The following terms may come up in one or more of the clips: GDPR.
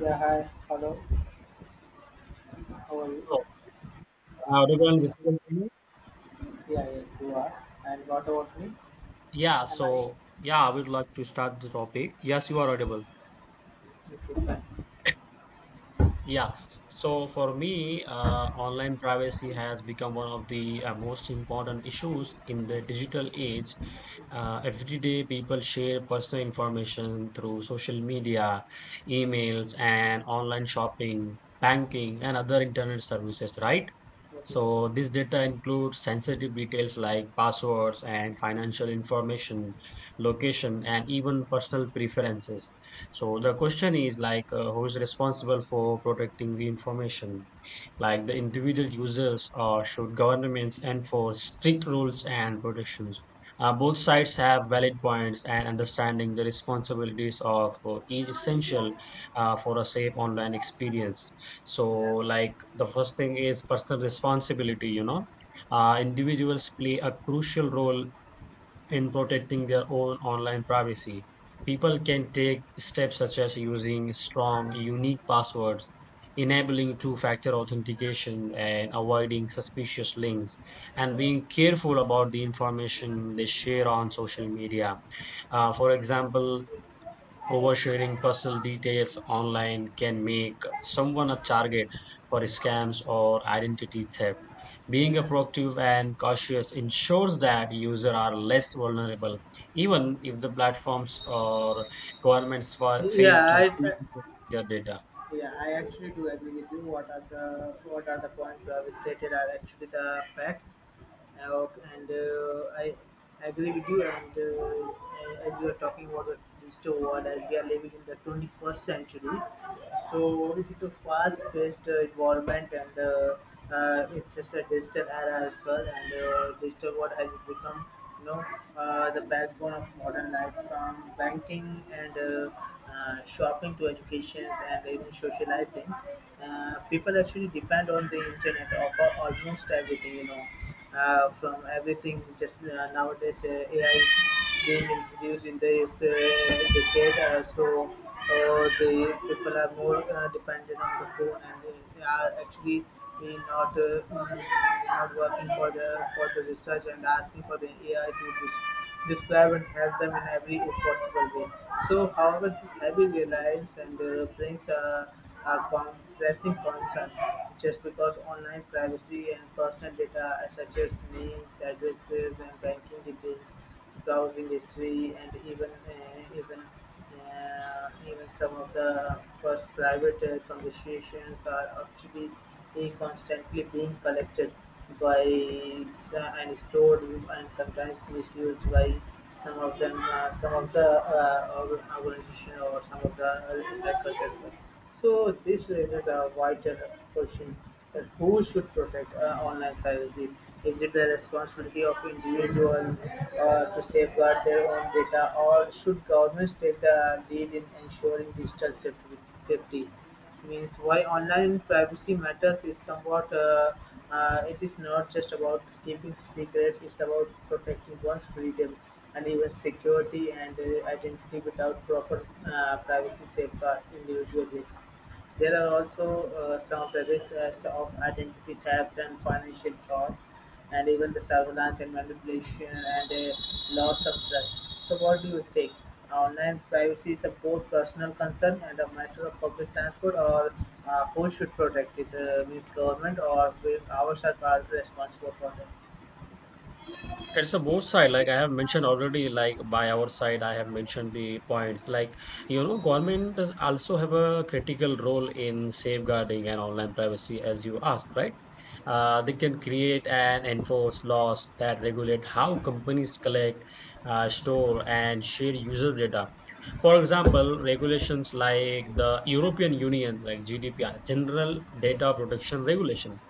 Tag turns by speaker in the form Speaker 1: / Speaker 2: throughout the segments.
Speaker 1: Yeah, hi, hello, how are you?
Speaker 2: So, am I audible and visible to you?
Speaker 1: Yeah, yeah, you are. And what about me? Am I?
Speaker 2: I would like to start the topic. Yes, you are audible.
Speaker 1: Okay, fine.
Speaker 2: Yeah. So for me, online privacy has become one of the most important issues in the digital age. Every day, people share personal information through social media, emails, and online shopping, banking, and other internet services, right?
Speaker 1: Okay.
Speaker 2: So this data includes sensitive details like passwords and financial information, location, and even personal preferences. So the question is like, who is responsible for protecting the information? Like the individual users, or should governments enforce strict rules and protections? Both sides have valid points, and understanding the responsibilities of each is essential for a safe online experience. So,
Speaker 1: Yeah.
Speaker 2: like the first thing is personal responsibility, Individuals play a crucial role in protecting their own online privacy. People can take steps such as using strong, unique passwords, enabling two factor authentication, and avoiding suspicious links, and being careful about the information they share on social media. For example, oversharing personal details online can make someone a target for scams or identity theft. Being a
Speaker 1: Yeah.
Speaker 2: proactive and cautious ensures that users are less vulnerable, even if the platforms or governments fail
Speaker 1: Yeah,
Speaker 2: to fully
Speaker 1: I,
Speaker 2: protect their data.
Speaker 1: Yeah, I actually do agree with you. What are the points you have stated are actually the facts. Ok- and I agree with you. And As you are talking about the digital world, as we are living in the 21st century, so it is a fast-paced environment, and it's just a digital era as well. And digital world has become, you know, the backbone of modern life, from banking and. Shopping to education and even socializing. People actually depend on the internet for almost everything, from everything. Just nowadays, AI is being introduced in this decade, so the people are more dependent on the phone and they are actually we not mm, not working for the research and asking for the AI to describe and help them in every possible way. So, however, this heavy reliance and brings a pressing concern just because online privacy and personal data such as names, addresses, and banking details, browsing history, and even some of the first private conversations are actually constantly being collected by and stored and sometimes misused by some of them, some of the organization or some of the hackers as well. So this raises a vital question that who should protect online privacy? Is it the responsibility of individuals to safeguard their own data, or should governments take the lead in ensuring digital safety? Means why online privacy matters is somewhat it is not just about keeping secrets, it's about protecting one's freedom and even security and identity. Without proper privacy safeguards individual risks, there are also some of the risks as of identity theft and financial frauds and even the surveillance and manipulation and a loss of trust. So, what do you think? Online privacy is a both personal concern and a matter of public transport, or who should protect it? Means government or we ourselves are responsible for that?
Speaker 2: It's a both side, like I have mentioned already, like by our side, I have mentioned the points. Like, government does also have a critical role in safeguarding and online privacy, as you asked, right? They can create and enforce laws that regulate how companies collect, store, and share user data. For example, regulations like the European Union, like GDPR, General Data Protection Regulation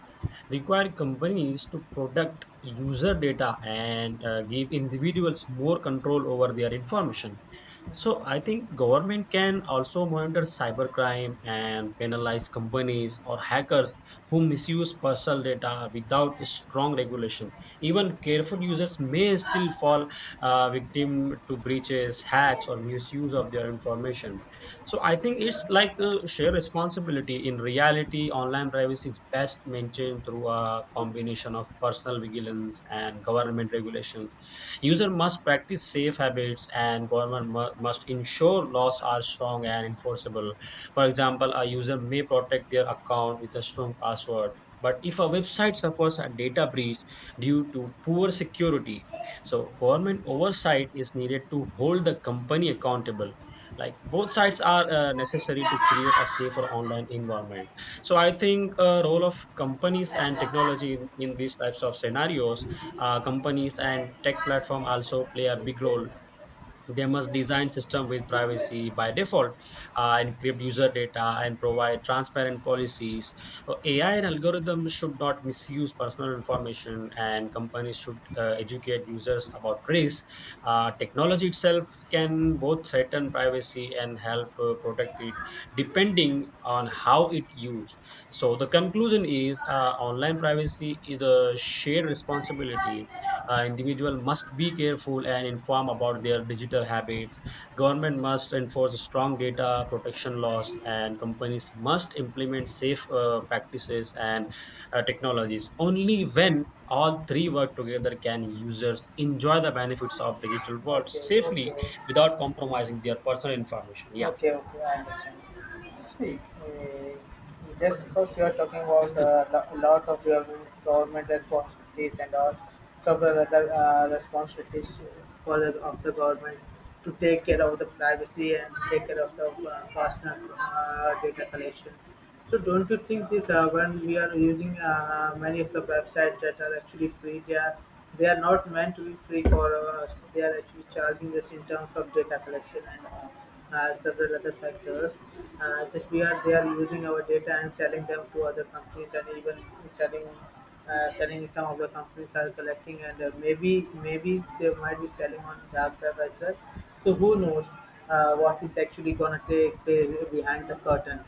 Speaker 2: required companies to protect user data and give individuals more control over their information. So I think government can also monitor cybercrime and penalize companies or hackers who misuse personal data without strong regulation. Even careful users may still fall victim to breaches, hacks, or misuse of their information. So I think it's like a shared responsibility. In reality, online privacy is best maintained through a combination of personal vigilance and government regulations. User must practice safe habits, and government must ensure laws are strong and enforceable. For example, a user may protect their account with a strong password, but if a website suffers a data breach due to poor security, so government oversight is needed to hold the company accountable. Like both sides are necessary to create a safer online environment. So I think role of companies and technology in these types of scenarios, companies and tech platform also play a big role. They must design system with privacy by default, encrypt user data, and provide transparent policies. AI and algorithms should not misuse personal information, and companies should educate users about risk. Technology itself can both threaten privacy and help protect it, depending on how it used. So the conclusion is, online privacy is a shared responsibility. Individual must be careful and inform about their digital habits. Government must enforce strong data protection laws, and companies must implement safe practices and technologies. Only when all three work together can users enjoy the benefits of digital world
Speaker 1: Okay,
Speaker 2: safely
Speaker 1: okay,
Speaker 2: without compromising their personal information. Yeah.
Speaker 1: okay, okay, I understand. See, uh, just
Speaker 2: Hello.
Speaker 1: because you are talking about a lot of your government responsibilities and all several other responsibilities for the of the government to take care of the privacy and take care of the personal data collection. So don't you think this when we are using many of the websites that are actually free, they are not meant to be free for us. They are actually charging us in terms of data collection and several other factors. Just we are, they are using our data and selling them to other companies and even selling. Selling, some of the companies are collecting and maybe, maybe they might be selling on dark web as well, so who knows what is actually gonna take place behind the curtain.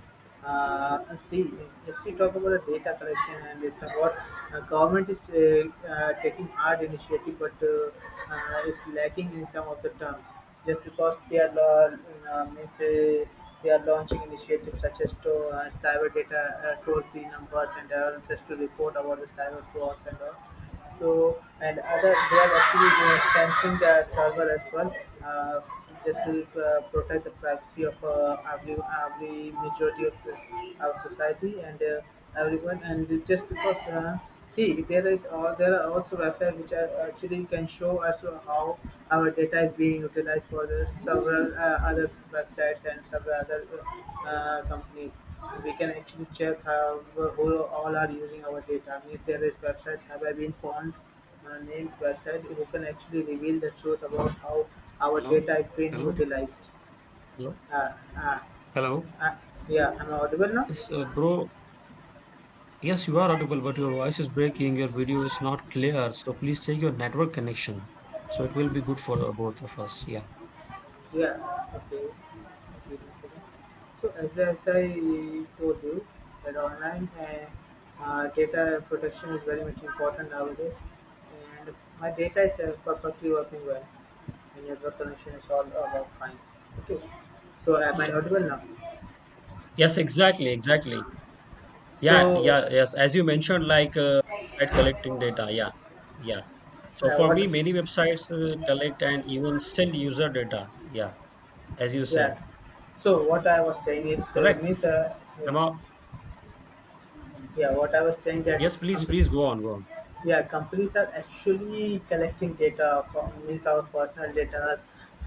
Speaker 1: See, if we talk about the data collection and it's about government is taking hard initiative, but it's lacking in some of the terms. Just because they are law, means they are launching initiatives such as to cyber data, toll-free numbers, and all, just to report about the cyber frauds and all. So and other, they are actually stamping the server as well, uh, just to protect the privacy of every majority of our society and everyone. And just because see, there is there are also websites which are actually can show us how our data is being utilized for the several other websites and several other companies. We can actually check how, who all are using our data. Means there is website, have I been found, named website who can actually reveal the truth about how our
Speaker 2: Hello.
Speaker 1: data is being
Speaker 2: Hello.
Speaker 1: utilized.
Speaker 2: Hello.
Speaker 1: Uh, uh,
Speaker 2: Hello.
Speaker 1: uh, yeah, am I audible now?
Speaker 2: Yes, bro. Yes, you are audible, but your voice is breaking. Your video is not clear. So please check your network connection. So it will be good for the both of us. Yeah.
Speaker 1: Yeah, okay. Just wait a second. So, as I told you that online data protection is very much important nowadays, and my data is perfectly working well. My network connection is all about fine. Okay, so am I
Speaker 2: Yeah.
Speaker 1: audible now?
Speaker 2: Yes, exactly, exactly. Yeah,
Speaker 1: So
Speaker 2: yeah, yes. As you mentioned, like site collecting data. Yeah, yeah. So for me,
Speaker 1: what?
Speaker 2: many websites collect and even sell user data. Yeah, as you said,
Speaker 1: Yeah, so what I was saying is
Speaker 2: correct.
Speaker 1: means yeah,
Speaker 2: Am I-
Speaker 1: yeah what I was saying that
Speaker 2: Yes, please,
Speaker 1: com-
Speaker 2: please go on, go on.
Speaker 1: yeah, companies are actually collecting data from, means our personal data,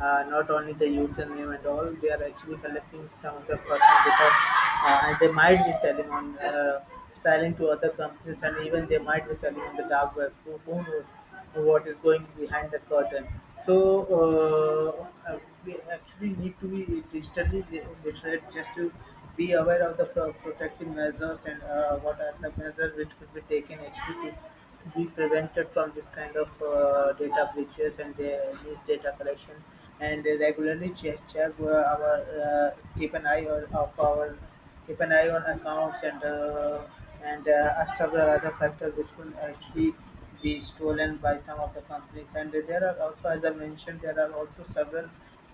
Speaker 1: not only the username and all, they are actually collecting some of the personal data and they might be selling on selling to other companies and even they might be selling on the dark web. Who knows what is going behind the curtain. So, we actually need to be digitally literate just to be aware of the protective measures and what are the measures which could be taken actually to be prevented from this kind of data breaches and data collection, and regularly check our keep an eye on accounts and several other factors which could actually be stolen by some of the companies. And there are also, as I mentioned, there are also several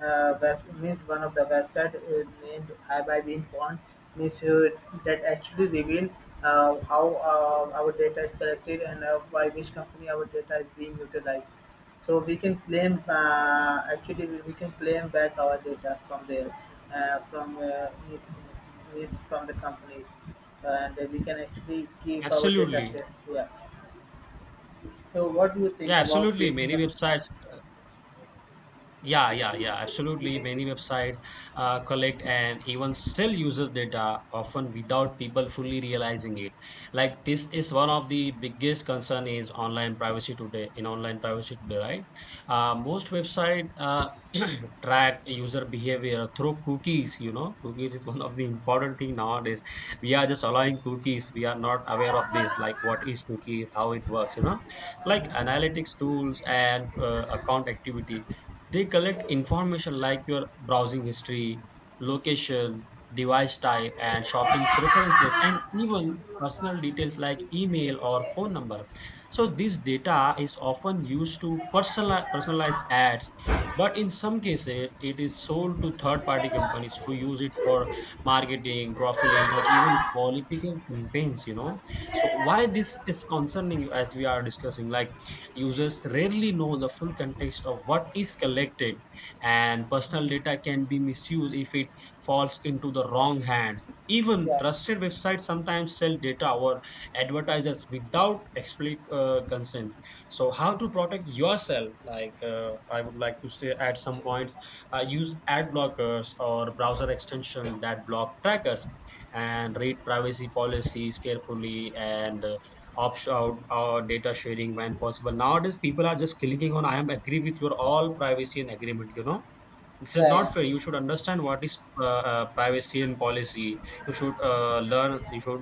Speaker 1: web, means one of the website named Have I Been Pwned, means that actually reveal how our data is collected and by which company our data is being utilized. So we can claim actually, we can claim back our data from there, from is from the companies, and we can actually give our data
Speaker 2: Absolutely.
Speaker 1: set. Yeah, so what do you think
Speaker 2: Yeah,
Speaker 1: about
Speaker 2: absolutely.
Speaker 1: this?
Speaker 2: Many
Speaker 1: Mhm.
Speaker 2: websites Yeah, yeah, yeah, absolutely. Many websites collect and even sell user data often without people fully realizing it. Like this is one of the biggest concern is online privacy today in online privacy today, right? Most website track user behavior through cookies. You know, cookies is one of the important thing nowadays. We are just allowing cookies. We are not aware of this, like what is cookies, how it works. You know, like analytics tools and account activity, they collect information like your browsing history, location, device type, and shopping preferences, and even personal details like email or phone number. So, this data is often used to personalize ads, but in some cases, it is sold to third party companies who use it for marketing, profiling, or even political campaigns, you know. So, why this is concerning, as we are discussing, like users rarely know the full context of what is collected, and personal data can be misused if it falls into the wrong hands. Even
Speaker 1: Yeah,
Speaker 2: trusted websites sometimes sell data or advertisers without explicit consent. So, how to protect yourself? Like, I would like to say, at some points, use ad blockers or browser extension that block trackers, and read privacy policies carefully, and out or data sharing when possible. Nowadays, people are just clicking on I am agree with your all privacy and agreement, you know, this is
Speaker 1: yeah.
Speaker 2: not
Speaker 1: Yeah,
Speaker 2: fair. You should understand what is privacy and policy. You should learn. You should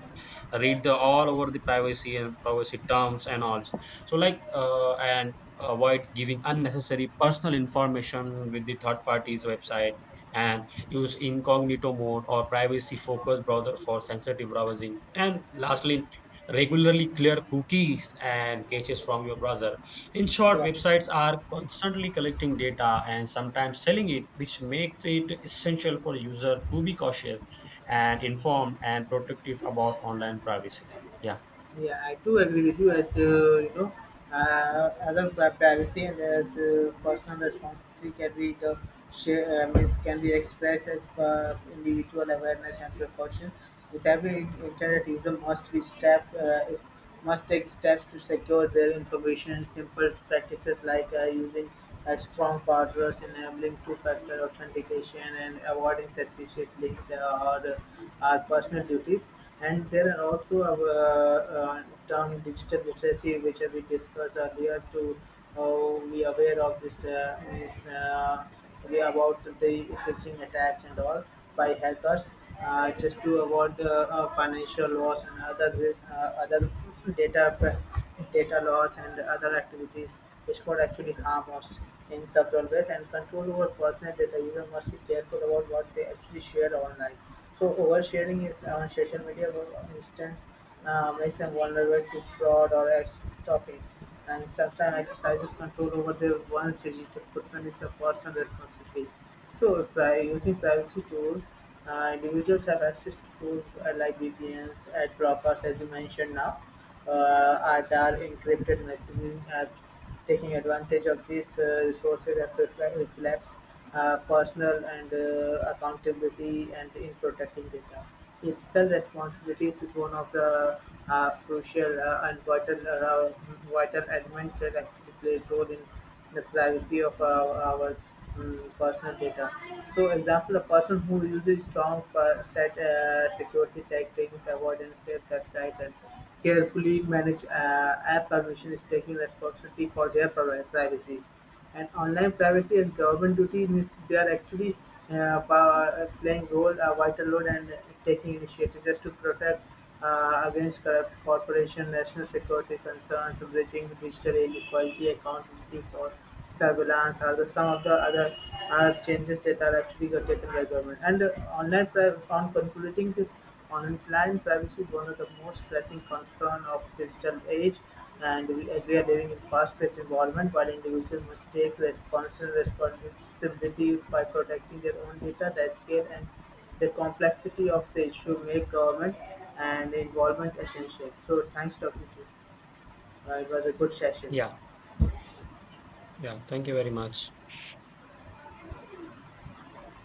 Speaker 2: read the all over the privacy and privacy terms and all. So like and avoid giving unnecessary personal information with the third parties website, and use incognito mode or privacy focused browser for sensitive browsing, and lastly regularly clear cookies and caches from your browser. In short,
Speaker 1: yeah.
Speaker 2: websites are constantly collecting data and sometimes selling it, which makes it essential for user to be cautious and informed and protective about online privacy. Yeah.
Speaker 1: Yeah, I do agree with you. As you know, other privacy and as personal responsibility can be the share, means can be expressed as per individual awareness and precautions. With every internet user must be step must take steps to secure their information. Simple practices like using strong passwords, enabling two-factor authentication, and avoiding suspicious links or our personal duties. And there are also term digital literacy, which we discussed earlier. To be aware of this means. Way about the phishing attacks and all by hackers just to avoid financial loss and other other data loss and other activities which could actually harm us in several ways. And control over personal data, user must be careful about what they actually share online. So oversharing is on social media for instance makes them vulnerable to fraud or stalking, and sometimes exercises control over their one's digital footprint is a personal responsibility. So, using privacy tools, individuals have access to tools like VPNs, ad blockers, as you mentioned now, ADAR, encrypted messaging apps, taking advantage of these resources that reflects personal and accountability and in protecting data. Ethical responsibility is one of the crucial and vital element that actually plays role in the privacy of our personal data. So, example, a person who uses strong per- set security settings, avoidance, safe websites, and carefully manage app permission is taking responsibility for their privacy, and online privacy as government duty means they are actually playing role a vital role and taking initiative just to protect against corrupt corporation, national security concerns, bridging digital inequality, accountability for surveillance are the some of the other changes that are actually got taken by government. And online on concluding this, online privacy is one of the most pressing concern of digital age, and we, as we are living in fast-paced environment, while individuals must take responsible responsibility by protecting their own data, the scale and the complexity of the issue make government and involvement essential. So, thanks talking to you. It was a good session.
Speaker 2: Yeah, yeah. Thank you very much.